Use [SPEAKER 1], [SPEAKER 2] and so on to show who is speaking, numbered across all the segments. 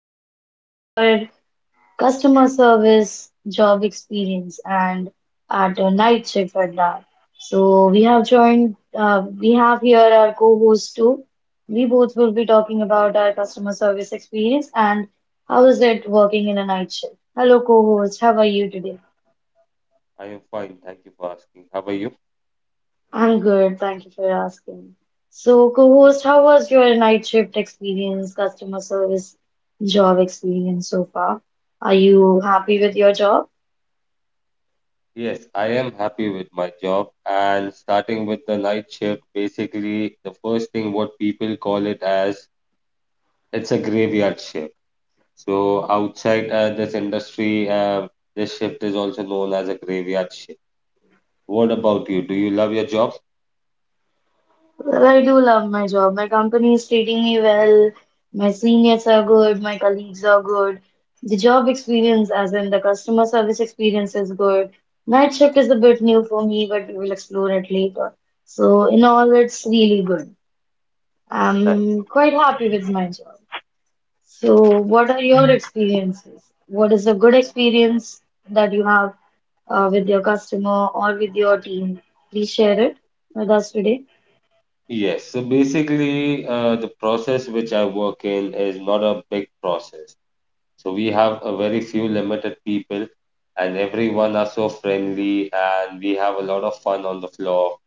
[SPEAKER 1] podcast for customer service, job experience, and at a night shift at that. So we have joined, we have here our co-host too. We both will be talking about our customer service experience and how is it working in a night shift. Hello, co-host. How are you today?
[SPEAKER 2] I am fine. Thank you for asking. How are you?
[SPEAKER 1] I'm good, thank you for asking. So, co-host, how was your night shift experience, customer service job experience so far? Are you happy with your job?
[SPEAKER 2] Yes, I am happy with my job. And starting with the night shift, basically, the first thing what people call it as it's a graveyard shift. So outside this industry, this shift is also known as a graveyard shift. What about you? Do you love your job?
[SPEAKER 1] Well, I do love my job. My company is treating me well. My seniors are good. My colleagues are good. The job experience, as in the customer service experience, is good. Night shift is a bit new for me, but we will explore it later. So, in all, it's really good. I'm
[SPEAKER 2] That-
[SPEAKER 1] quite happy with my job. So, what are your experiences? What is a good experience that you have with your customer or with your team? Please share it with us today.
[SPEAKER 2] Yes. So basically, the process which I work in is not a big process. So we have a very few limited people, and everyone are so friendly, and we have a lot of fun on the floor.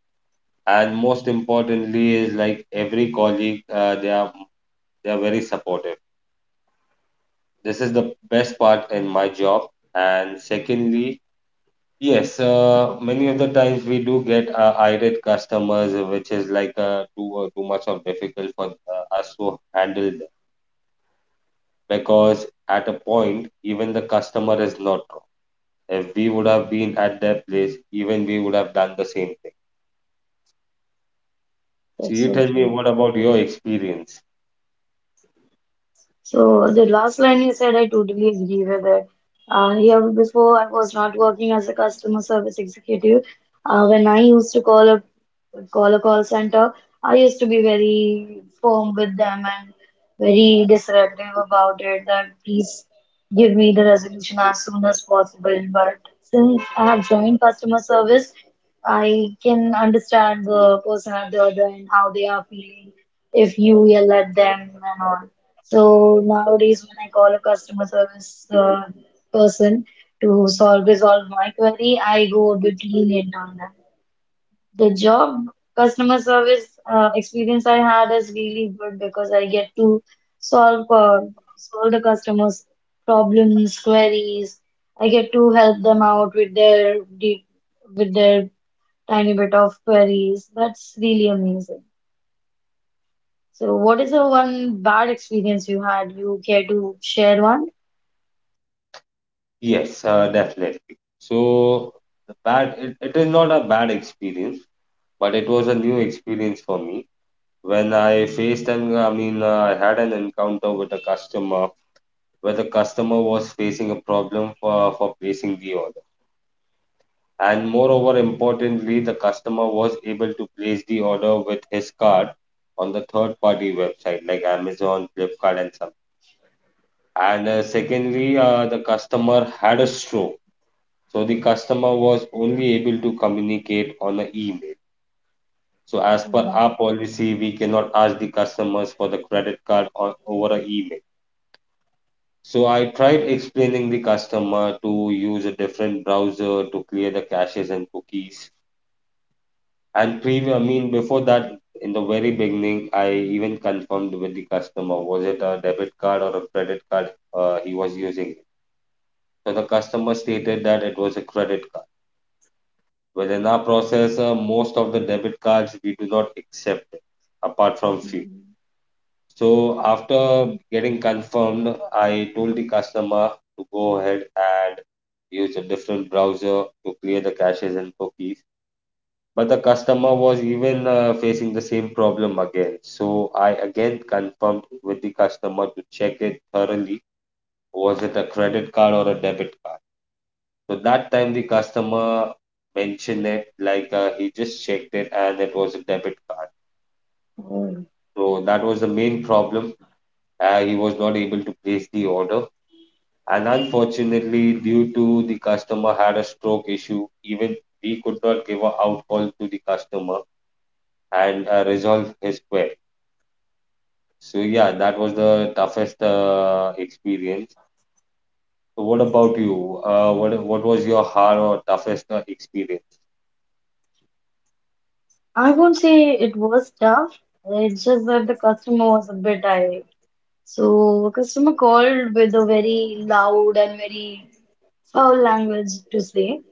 [SPEAKER 2] And most importantly is like every colleague, they are very supportive. This is the best part in my job. And secondly, yes, many of the times we do get irate customers, which is like too much of difficult for us to handle them because at a point even the customer is not. If we would have been at their place, even we would have done the same thing. So
[SPEAKER 1] That's
[SPEAKER 2] you
[SPEAKER 1] so
[SPEAKER 2] tell me,
[SPEAKER 1] true.
[SPEAKER 2] what about your experience?
[SPEAKER 1] So, the last line you said, I totally agree with it. Here before, I was not working as a customer service executive. When I used to call a call center, I used to be very firm with them and very disruptive about it that please give me the resolution as soon as possible. But since I have joined customer service, I can understand the person at the other end how they are feeling if you yell at them and all. So nowadays, when I call a customer service person to solve resolve my query, I go a bit lenient on them. The job customer service experience I had is really good because I get to solve uh, solve the customers' problems, queries. I get to help them out with their with their tiny bit of queries. That's really amazing. So, what is the one bad experience you had? You care to share one?
[SPEAKER 2] Yes, definitely. So the bad, it is not a bad experience, but it was a new experience for me when I faced an I mean I had an encounter with a customer where the customer was facing a problem for placing the order. And moreover, importantly, the customer was able to place the order with his card on the third-party website like Amazon, Flipkart, and some. And secondly, the customer had a stroke, so the customer was only able to communicate on an email. So as per our
[SPEAKER 1] Mm.
[SPEAKER 2] policy, we cannot ask the customers for the credit card on, over an email. So I tried explaining the customer to use a different browser to clear the caches and cookies. And before that, in the very beginning, I even confirmed with the customer, was it a debit card or a credit card he was using? So the customer stated that it was a credit card. Within our process, most of the debit cards we do not accept, apart from few. So after getting confirmed, I told the customer to go ahead and use a different browser to clear the caches and cookies. But the customer was even facing the same problem again. So I again confirmed with the customer to check it thoroughly. Was it a credit card or a debit card? So that time the customer mentioned it like he just checked it and it was a debit card.
[SPEAKER 1] Mm.
[SPEAKER 2] So that was the main problem. He was not able to place the order. And unfortunately, due to the customer had a stroke issue, even we could not give a out call to the customer and resolve his query. So yeah, that was the toughest experience. So what about you? What was your hard or toughest experience?
[SPEAKER 1] I won't say it was tough. It's just that the customer was a bit irate. So a customer called with a very loud and very foul language to say.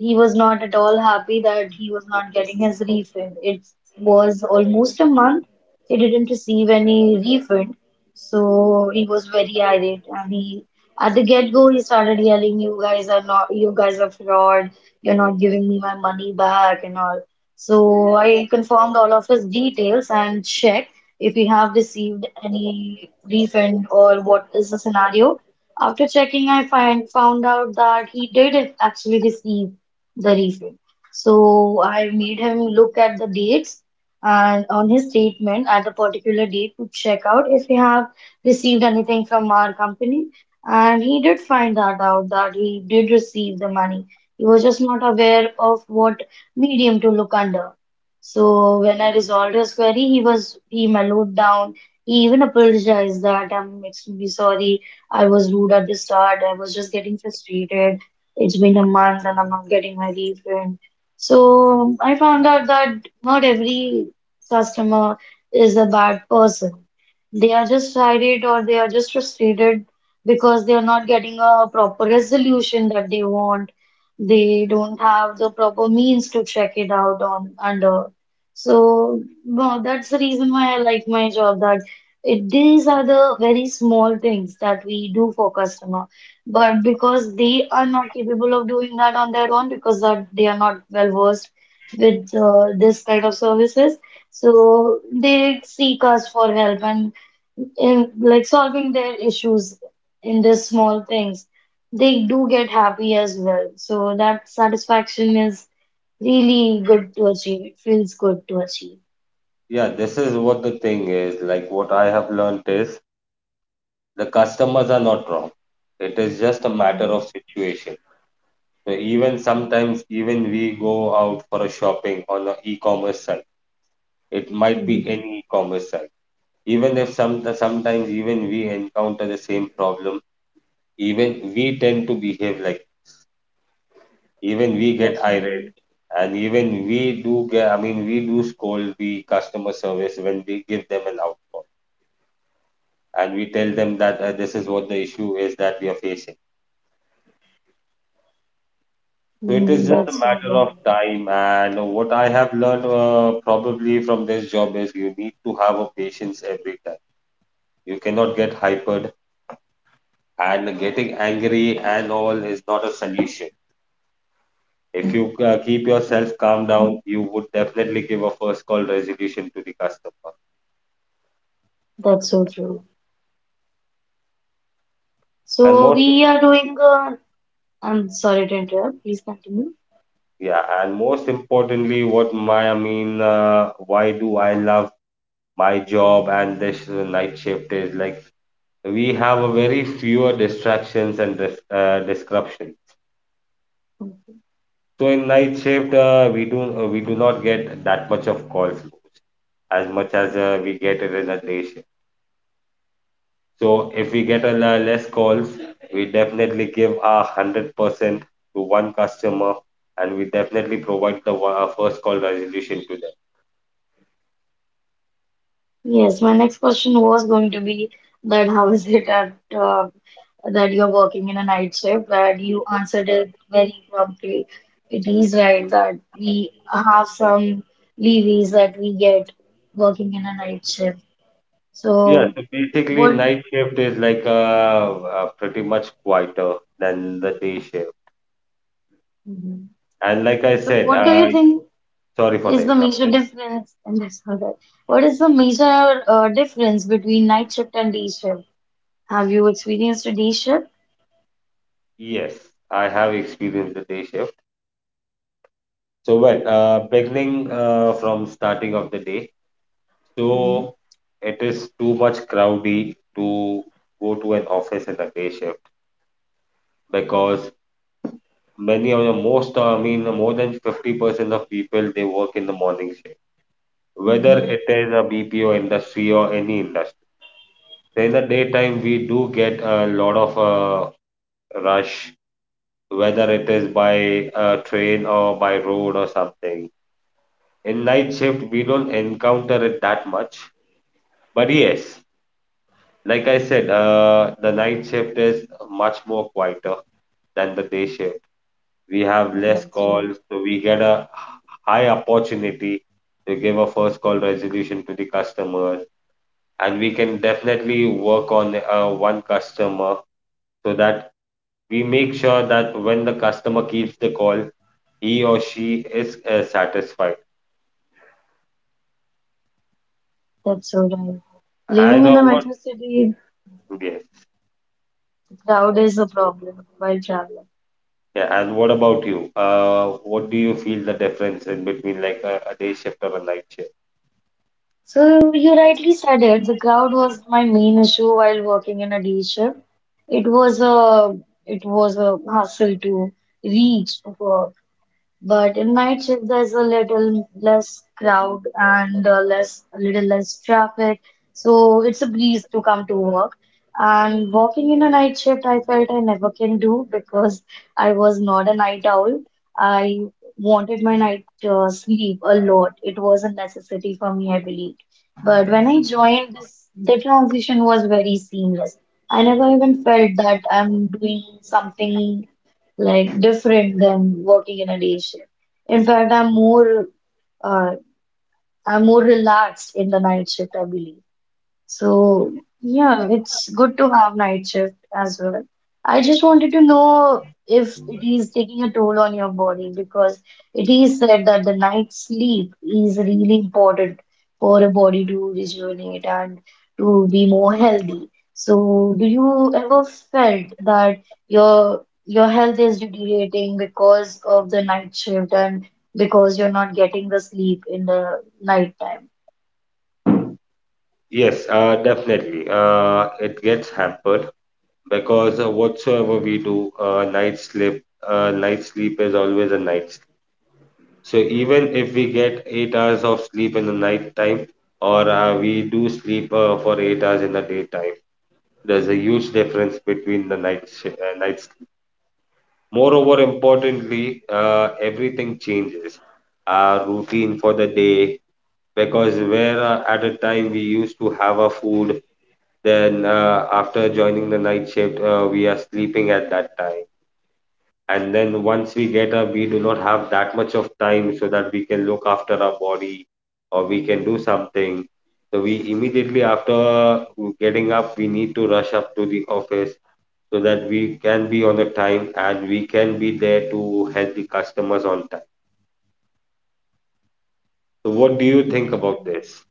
[SPEAKER 1] He was not at all happy that he was not getting his refund. It was almost a month. He didn't receive any refund. So he was very irate and he at the get-go he started yelling, "You guys are not, you guys are fraud, you're not giving me my money back," and all. So I confirmed all of his details and checked if he have received any refund or what is the scenario. After checking, I find found out that he did actually receive the reason. So I made him look at the dates and on his statement at a particular date to check out if he have received anything from our company. And he did find that out that he did receive the money. He was just not aware of what medium to look under. So when I resolved his query, he was, he mellowed down. He even apologized that, "I'm extremely sorry. I was rude at the start. I was just getting frustrated. It's been a month and I'm not getting my refund." So I found out that not every customer is a bad person. They are just irate or they are just frustrated because they are not getting a proper resolution that they want. They don't have the proper means to check it out on under. So no, that's the reason why I like my job that it, these are the very small things that we do for customer but because they are not capable of doing that on their own, because that they are not well versed with this kind of services, so they seek us for help and in like solving their issues in these small things, they do get happy as well. So that satisfaction is really good to achieve. It feels good to achieve.
[SPEAKER 2] Yeah, this is what the thing is. Like what I have learned is the customers are not wrong. It is just a matter of situation. So even sometimes even we go out for a shopping on an e-commerce site. It might be any e-commerce site. Even if sometimes even we encounter the same problem, even we tend to behave like even we get
[SPEAKER 1] That's
[SPEAKER 2] irate.
[SPEAKER 1] right.
[SPEAKER 2] And even we do scold the customer service when we give them an outcall, and we tell them that this is what the issue is that we are facing. So it is
[SPEAKER 1] Mm,
[SPEAKER 2] just a
[SPEAKER 1] that's so
[SPEAKER 2] matter
[SPEAKER 1] right.
[SPEAKER 2] of time, and what I have learned probably from this job is you need to have a patience every time. You cannot get hypered, and getting angry and all is not a solution. If you keep yourself calm down, you would definitely give a first call resolution to the customer
[SPEAKER 1] That's so true.
[SPEAKER 2] and
[SPEAKER 1] So
[SPEAKER 2] more.
[SPEAKER 1] we are doing a I'm sorry to interrupt. Please continue.
[SPEAKER 2] Yeah, and most importantly, what my I mean, why do I love my job? And this night shift is like we have a very fewer distractions and disruption.
[SPEAKER 1] Okay.
[SPEAKER 2] So in night shift, we do not get that much of call flows as much as we get it in a day shift. So if we get a less calls, we definitely give our 100% to one customer, and we definitely provide the one, our first call resolution to them.
[SPEAKER 1] Yes, my next question was going to be that how is it at uh, that you're working in a night shift? But you answered it very promptly. It is right that we have some levies that we get working in a night shift.
[SPEAKER 2] Yeah,
[SPEAKER 1] So
[SPEAKER 2] so basically
[SPEAKER 1] what?
[SPEAKER 2] night shift is like pretty much quieter than the day shift.
[SPEAKER 1] Mhm.
[SPEAKER 2] And like I
[SPEAKER 1] So
[SPEAKER 2] said,
[SPEAKER 1] what do you think
[SPEAKER 2] sorry for the
[SPEAKER 1] is the major
[SPEAKER 2] interruption.
[SPEAKER 1] difference? And that's all that. What is the major difference between night shift and day shift? Have you experienced a day shift?
[SPEAKER 2] Yes, I have experienced the day shift. So well, beginning from starting of the day, so it is too much crowdy to go to an office in the day shift because many of the most, I mean, more than 50% of people they work in the morning shift, whether
[SPEAKER 1] Mm-hmm.
[SPEAKER 2] it is a BPO industry or any industry. In the daytime we do get a lot of rush, whether it is by train or by road or something. In night shift we don't encounter it that much, but yes, like I said, the night shift is much more quieter than the day shift. We have less
[SPEAKER 1] That's right.
[SPEAKER 2] calls, so we get a high opportunity to give a first call resolution to the customer, and we can definitely work on one customer, so that we make sure that when the customer keeps the call, he or she is satisfied.
[SPEAKER 1] That's so right. Living
[SPEAKER 2] And
[SPEAKER 1] in a
[SPEAKER 2] what?
[SPEAKER 1] metro city,
[SPEAKER 2] Yes.
[SPEAKER 1] the crowd is a problem while traveling.
[SPEAKER 2] Yeah. And what about you? What do you feel the difference in between like a day shift or a night shift?
[SPEAKER 1] So you rightly said it. The crowd was my main issue while working in a day shift. It was a, it was a hassle to reach for. But in night shift, there's a little less crowd and less, a little less traffic. So it's a breeze to come to work. And walking in a night shift, I felt I never can do because I was not a night owl. I wanted my night sleep a lot. It was a necessity for me, I believed. But when I joined this, the transition was very seamless. I never even felt that I'm doing something like different than working in a day shift. In fact, uh, I'm more relaxed in the night shift, I believe. So, yeah, it's good to have night shift as well. I just wanted to know if it is taking a toll on your body because it is said that the night sleep is really important for a body to rejuvenate and to be more healthy. So, do you ever felt that your health is deteriorating because of the night shift and because you're not getting the sleep in the night time?
[SPEAKER 2] Yes, definitely. It gets hampered because whatsoever we do, night sleep is always a night sleep. So even if we get 8 hours of sleep in the night time, or we do sleep for 8 hours in the daytime, there's a huge difference between the nights. Moreover, importantly, everything changes. Our routine for the day, because where at a time we used to have our food, then after joining the night shift, we are sleeping at that time. And then once we get up, we do not have that much of time so that we can look after our body or we can do something. So we immediately after getting up, we need to rush up to the office so that we can be on the time and we can be there to help the customers on time. So, what do you think about this?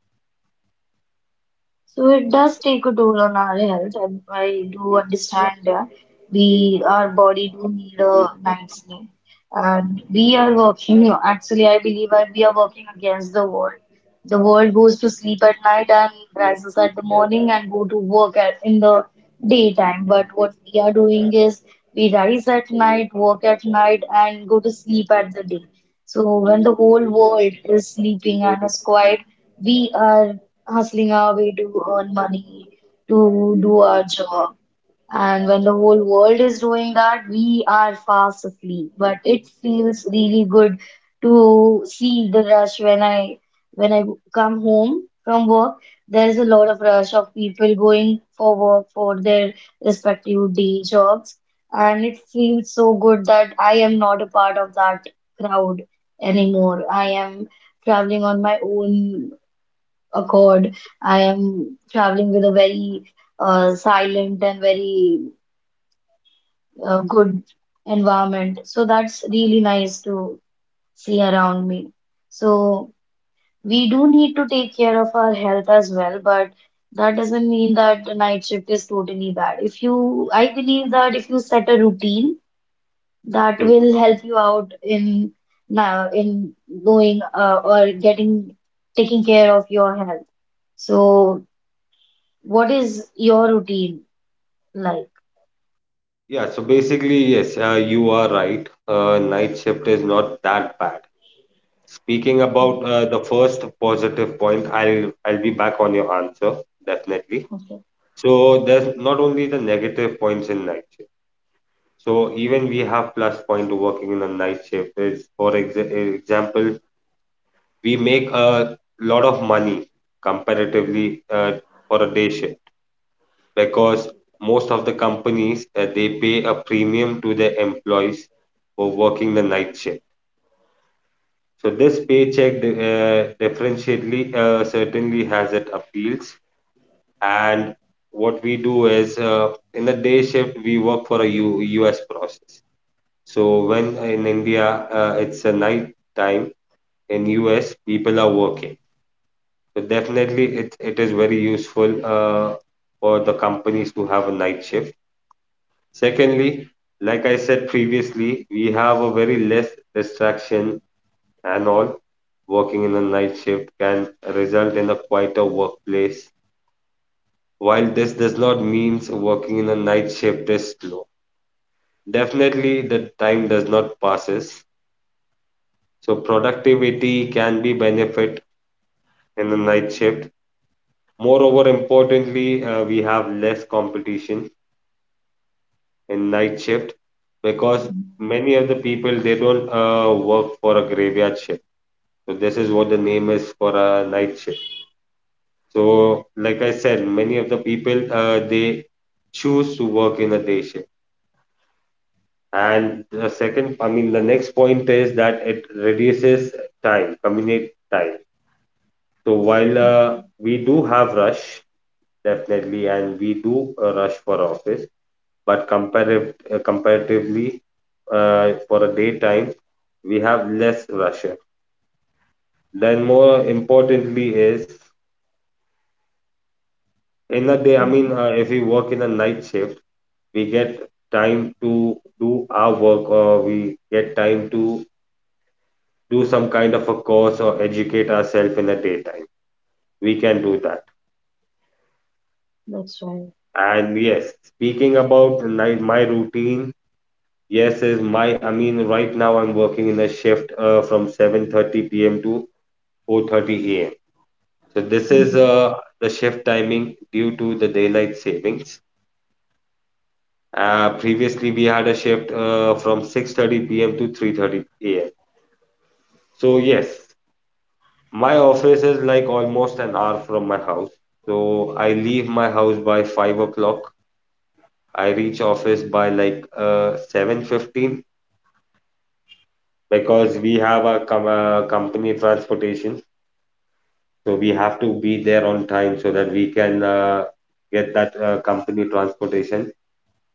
[SPEAKER 1] So it does take a toll on our health. And I do understand we our body do need a night's sleep, and we are working. Actually, I believe I, we are working against the world. The world goes to sleep at night and rises at the morning and go to work at, in the daytime. But what we are doing is we rise at night, work at night, and go to sleep at the day. So when the whole world is sleeping and is quiet, we are hustling our way to earn money, to do our job. And when the whole world is doing that, we are fast asleep. But it feels really good to see the rush when I come home from work. There is a lot of rush of people going for work for their respective day jobs, and it feels so good that I am not a part of that crowd anymore. I am traveling on my own accord. I am traveling with a very silent and very good environment. So that's really nice to see around me. So we do need to take care of our health as well, but that doesn't mean that the night shift is totally bad. If you, I believe that if you set a routine, that
[SPEAKER 2] Mhm.
[SPEAKER 1] will help you out in now in doing or getting taking care of your health. So, what is your routine like?
[SPEAKER 2] Yeah, so basically, yes, you are right. Night shift is not that bad. Speaking about the first positive point, I'll be back on your answer definitely.
[SPEAKER 1] Okay.
[SPEAKER 2] So there's not only the negative points in night shift. So even we have plus point to working in a night shift is for example, we make a lot of money comparatively for a day shift, because most of the companies they pay a premium to their employees for working the night shift. So this paycheck differentially certainly has its appeals. And what we do is in the day shift we work for a us process. So when in india it's a night time in us, people are working. So definitely it is very useful for the companies to have a night shift. Secondly, like I said previously, we have a very less distraction and all. Working in a night shift can result in a quieter workplace. While this does not mean working in a night shift is slow, definitely the time does not passes. So productivity can be benefit in a night shift. Moreover, importantly, we have less competition in night shift because
[SPEAKER 1] Mhm,
[SPEAKER 2] many of the people they don't work for a graveyard shift. So this is what the name is for a night shift. So like I said, many of the people they choose to work in a day shift. And the second, I mean, the next point is that it reduces time, commute time. So while we do have rush definitely, and we do rush for office, but comparatively, for a daytime, we have less rusher. Then more importantly is in a day, I mean,
[SPEAKER 1] mhm.
[SPEAKER 2] if we work in a night shift, we get time to do our work, or we get time to do some kind of a course or educate ourselves in the daytime. We can do that.
[SPEAKER 1] That's right.
[SPEAKER 2] And yes, speaking about night, my routine, yes, is right now I'm working in a shift from 7:30 p.m. to 4:30 a.m. So this is
[SPEAKER 1] Hmm.
[SPEAKER 2] the shift timing due to the daylight savings. Previously, we had a shift from 6:30 p.m. to 3:30 a.m. So yes, my office is like almost an hour from my house. So I leave my house by 5 o'clock. I reach office by like 7:15 because we have a company transportation. So we have to be there on time so that we can get that company transportation.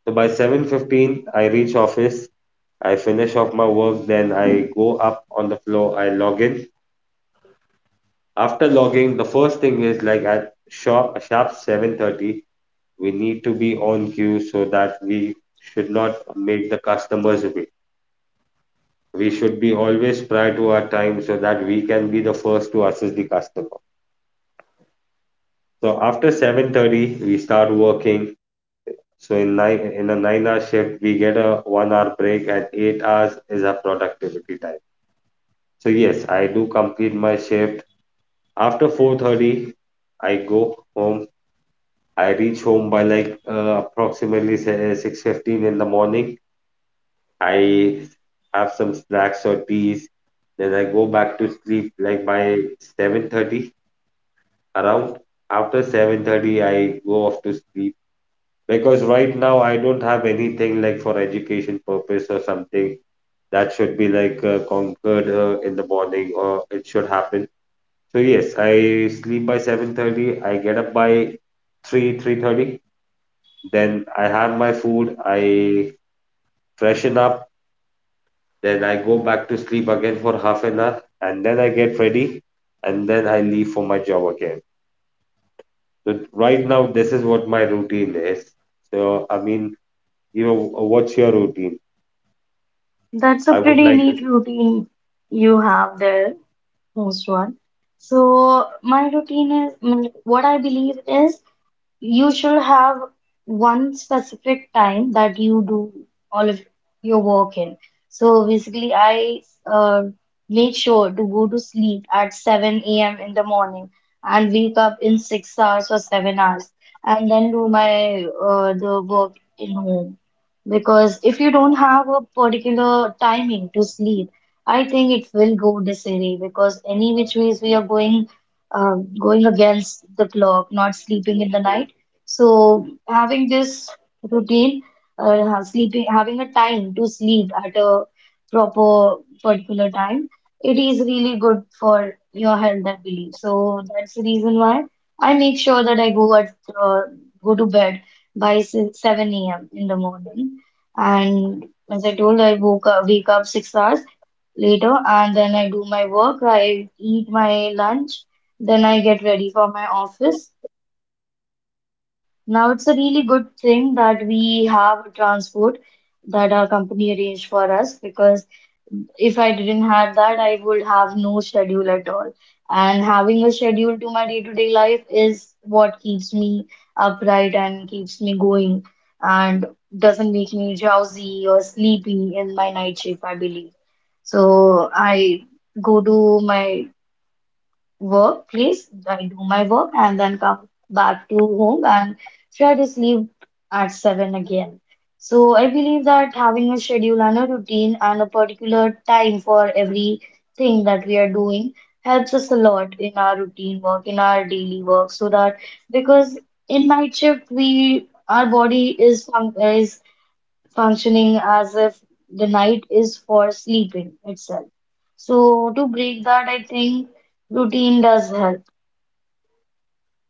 [SPEAKER 2] So by 7:15 I reach office, I finish off my work, then I go up on the floor, I log in. After logging, the first thing is like at sharp 7:30 we need to be on queue so that we should not make the customers wait. We should be always prior to our time so that we can be the first to assist the customer. So after 7:30 we start working. So in nine in a 9 hour shift we get a 1 hour break and 8 hours is our productivity time. So yes, I do complete my shift. After 4:30, I go home. I reach home by like approximately 6:15 in the morning. I have some snacks or teas. Then I go back to sleep like by 7:30 around. After 7:30, I go off to sleep because right now I don't have anything like for education purpose or something that should be like conquered in the morning or it should happen. So yes, I sleep by 7:30. I get up by 3, 3:30. Then I have my food. I freshen up. Then I go back to sleep again for half an hour, and then I get ready, and then I leave for my job again. So right now, this is what my routine is. So what's your routine?
[SPEAKER 1] That's a
[SPEAKER 2] I would
[SPEAKER 1] pretty
[SPEAKER 2] like to.
[SPEAKER 1] neat routine you have there, most one. So my routine is, I mean, what I believe is you should have one specific time that you do all of your work in. So basically, I make sure to go to sleep at 7 a.m. in the morning and wake up in 6 hours or 7 hours, and then do my the work in home. Because if you don't have a particular timing to sleep, I think it will go disarray because any which ways we are going going against the clock, not sleeping in the night, so having this routine, sleeping, having a time to sleep at a proper particular time, it is really good for your health, I believe. So that's the reason why I make sure that I go at uh, go to bed by 7 a.m. in the morning. And as I told, I wake up 6 hours later, and then I do my work. I eat my lunch, then I get ready for my office. Now it's a really good thing that we have a transport that our company arranged for us because if I didn't have that, I would have no schedule at all. And having a schedule to my day-to-day life is what keeps me upright and keeps me going and doesn't make me drowsy or sleepy in my night shift, I believe. So I go to my work, please. I do my work and then come back to home and try to sleep at 7 again. So I believe that having a schedule and a routine and a particular time for everything that we are doing helps us a lot in our routine work, in our daily work, so that because in night shift we our body is functioning as if the night is for sleeping itself. So, to break that, I think routine does help.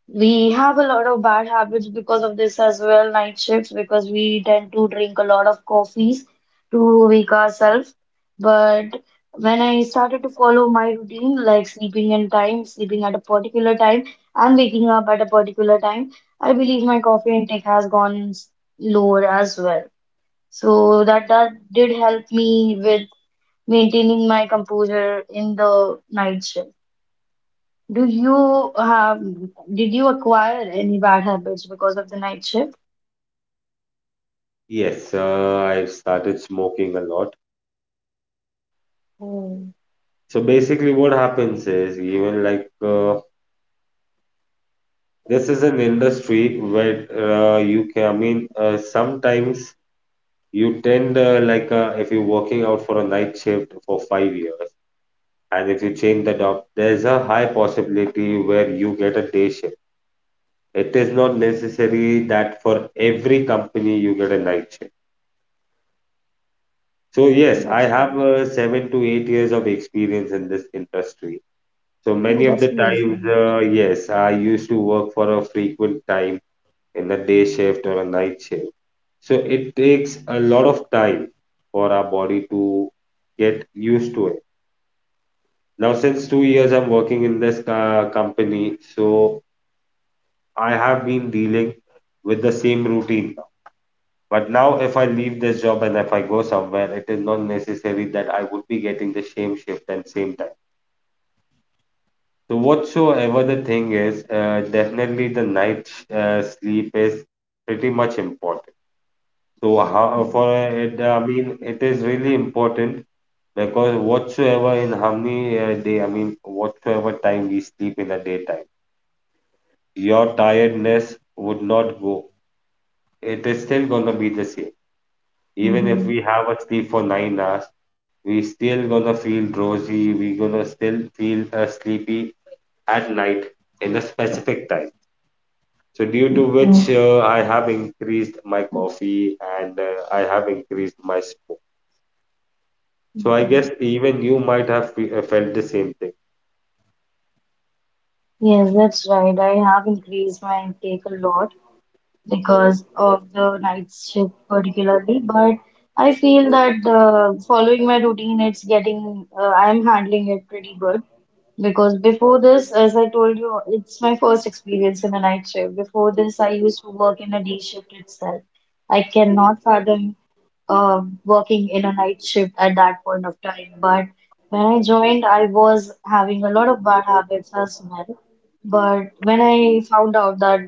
[SPEAKER 1] We have a lot of bad habits because of this as well, night shifts, because we tend to drink a lot of coffees to wake ourselves. But when I started to follow my routine, like sleeping in time, sleeping at a particular time, and waking up at a particular time, I believe my coffee intake has gone lower as well. So that did help me with maintaining my composure in the night shift. Do you have, did you acquire any bad habits because of the night shift?
[SPEAKER 2] Yes, I started smoking a lot.
[SPEAKER 1] Oh.
[SPEAKER 2] So basically, what happens is even like uh, this is an industry where you can, I mean, sometimes you tend like if you're working out for a night shift for 5 years, and if you change the job,
[SPEAKER 1] Mm.
[SPEAKER 2] there's a high possibility where you get a day shift. It is not necessary that for every company you get a night shift. So yes, I
[SPEAKER 1] That's
[SPEAKER 2] have
[SPEAKER 1] right.
[SPEAKER 2] 7 to 8 years of experience in this industry. So many
[SPEAKER 1] Oh,
[SPEAKER 2] of
[SPEAKER 1] that's
[SPEAKER 2] the times,
[SPEAKER 1] amazing.
[SPEAKER 2] yes, I used to work for a frequent time in the day shift or a night shift. So it takes a lot of time for our body to get used to it. Now, since 2 years I'm working in this company, so I have been dealing with the same routine now. But now, if I leave this job and if I go somewhere, it is not necessary that I would be getting the same shift and same time. So, whatsoever the thing is, definitely the night sleep is pretty much important. So how,
[SPEAKER 1] Mm.
[SPEAKER 2] for it, I mean, it is really important because whatsoever in how many day, I mean, whatsoever time we sleep in the daytime, your tiredness would not go. It is still gonna be the same. Even if
[SPEAKER 1] Hmm.
[SPEAKER 2] we have a sleep for 9 hours, we still gonna feel drowsy. We gonna still feel sleepy at night in a specific time. So due to which I have increased my coffee and I have increased my smoke. So I
[SPEAKER 1] Mhm.
[SPEAKER 2] guess even you might have felt the same thing.
[SPEAKER 1] Yes, that's right. I have increased my intake a lot because of the night shift particularly, but I feel that, following my routine, it's getting I'm handling it pretty good, because before this, as I told you, it's my first experience in a night shift. Before this I used to work in a day shift itself. I cannot fathom working in a night shift at that point of time. But when I joined, I was having a lot of bad habits as well. But when I found out that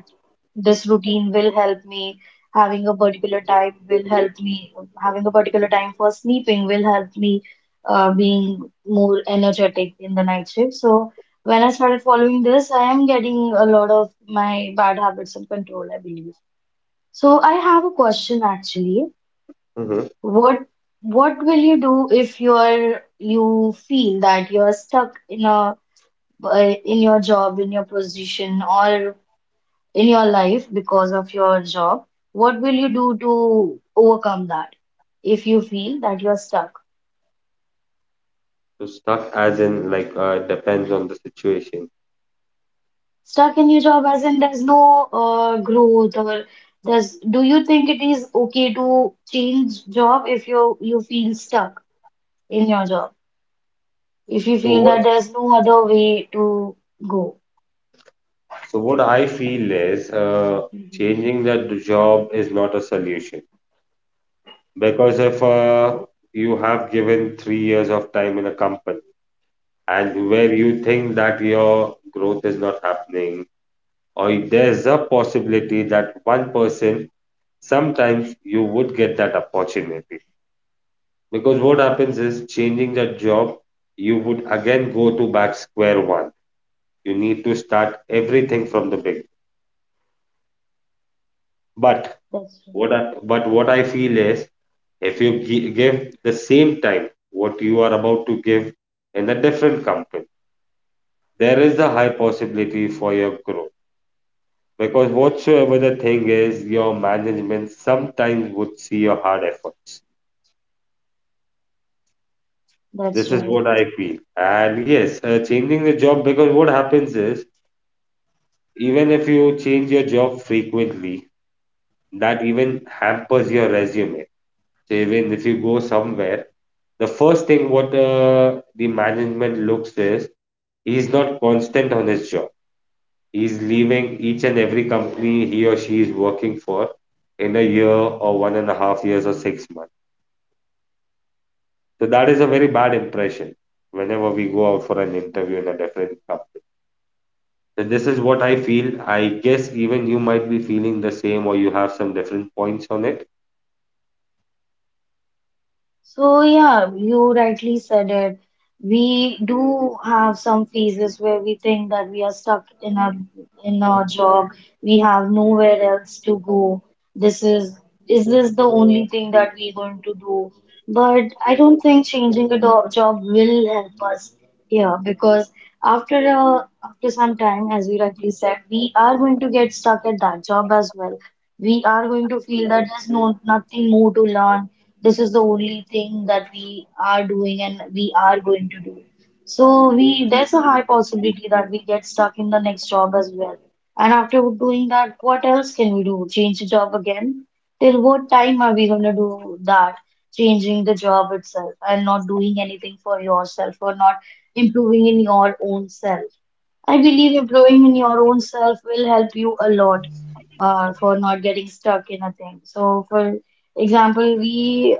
[SPEAKER 1] this routine will help me, having a particular time will help me, having a particular time for sleeping will help me, being more energetic in the night shift. So when I started following this, I am getting a lot of my bad habits in control, I believe. So I have a question actually.
[SPEAKER 2] Hmm.
[SPEAKER 1] What what will you do if you feel that you're stuck in a, uh, in your job, in your position, or in your life because of your job? What will you do to overcome that if you feel that you're stuck?
[SPEAKER 2] So stuck as in like depends on the situation.
[SPEAKER 1] Stuck in your job, as in there's no, growth, or there's, do you think it is okay to change job if you feel stuck in your job? If you
[SPEAKER 2] So
[SPEAKER 1] feel
[SPEAKER 2] what
[SPEAKER 1] that there's no other way to go.
[SPEAKER 2] so what I feel is changing the job is not a solution because if you have given 3 years of time in a company and where you think that your growth is not happening, or there's a possibility that one person sometimes you would get that opportunity. Because what happens is changing the job, you would again go to back square one. You need to start everything from the beginning. But
[SPEAKER 1] That's right.
[SPEAKER 2] what I feel is if you give the same time what you are about to give in a different company, there is a high possibility for your growth. Because whatsoever the thing is, your management sometimes would see your hard efforts.
[SPEAKER 1] That's
[SPEAKER 2] This is
[SPEAKER 1] right.
[SPEAKER 2] what I feel. And yes, changing the job because what happens is even if you change your job frequently, that even hampers your resume. So even if you go somewhere, the first thing what the management looks is he's not constant on his job. He's leaving each and every company he or she is working for in a year or 1.5 years or 6 months. So that is a very bad impression whenever we go out for an interview in a different company. So this is what I feel. I guess even you might be feeling the same or you have some different points on it.
[SPEAKER 1] So yeah, you rightly said it. We do have some phases where we think that we are stuck in our job. We have nowhere else to go. This is this the only thing that we're going to do? But I don't think changing a do job will help us here, because after some time, as you rightly said, we are going to get stuck at that job as well. We are going to feel that there's nothing more to learn. This is the only thing that we are doing and we are going to do. So we there's a high possibility that we get stuck in the next job as well. And after doing that, what else can we do? Change the job again? Till what time are we going to do that? Changing the job itself and not doing anything for yourself, or not improving in your own self. I believe improving in your own self will help you a lot, for not getting stuck in a thing. So, for example, we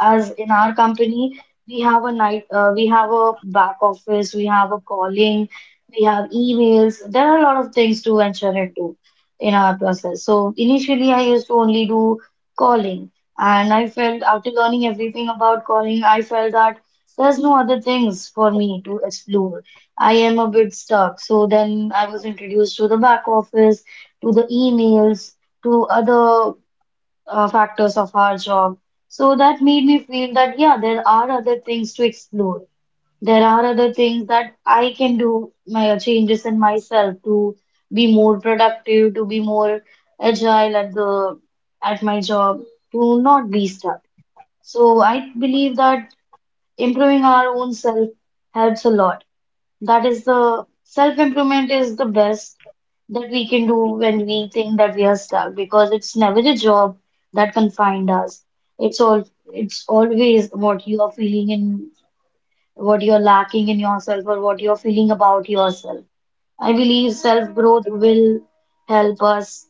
[SPEAKER 1] as in our company, we have a we have a back office, we have a calling, we have emails. There are a lot of things to enter into in our process. So initially, I used to only do calling, and I felt after learning everything about calling, I felt that there's no other things for me to explore. I am a bit stuck. So then I was introduced to the back office, to the emails, to other factors of our job. So that made me feel that yeah, there are other things to explore. There are other things that I can do, my changes in myself to be more productive, to be more agile at the at my job, to not be stuck. So I believe that improving our own self helps a lot. That is, the self-improvement is the best that we can do when we think that we are stuck, because it's never a job that confined us. It's always what you are feeling in what you're lacking in yourself or what you're feeling about yourself. I believe self-growth will help us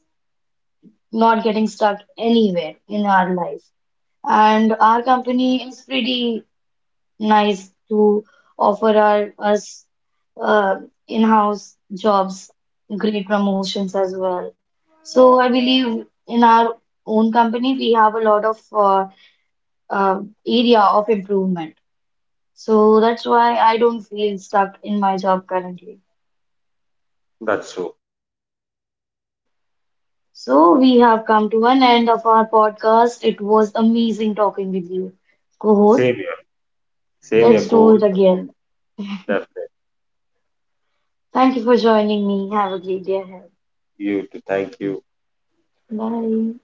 [SPEAKER 1] not getting stuck anywhere in our life. And our company is pretty nice to offer us uh, in-house jobs, great promotions as well. So I believe in our own company, we have a lot of area of improvement. So that's why I don't feel stuck in my job currently.
[SPEAKER 2] That's true.
[SPEAKER 1] So we have come to an end of our podcast. It was amazing talking with you, co-host.
[SPEAKER 2] Same here. Same here,
[SPEAKER 1] Let's do
[SPEAKER 2] coach.
[SPEAKER 1] it again.
[SPEAKER 2] Definitely.
[SPEAKER 1] Thank you for joining me. Have a great day ahead.
[SPEAKER 2] You to thank you.
[SPEAKER 1] Bye.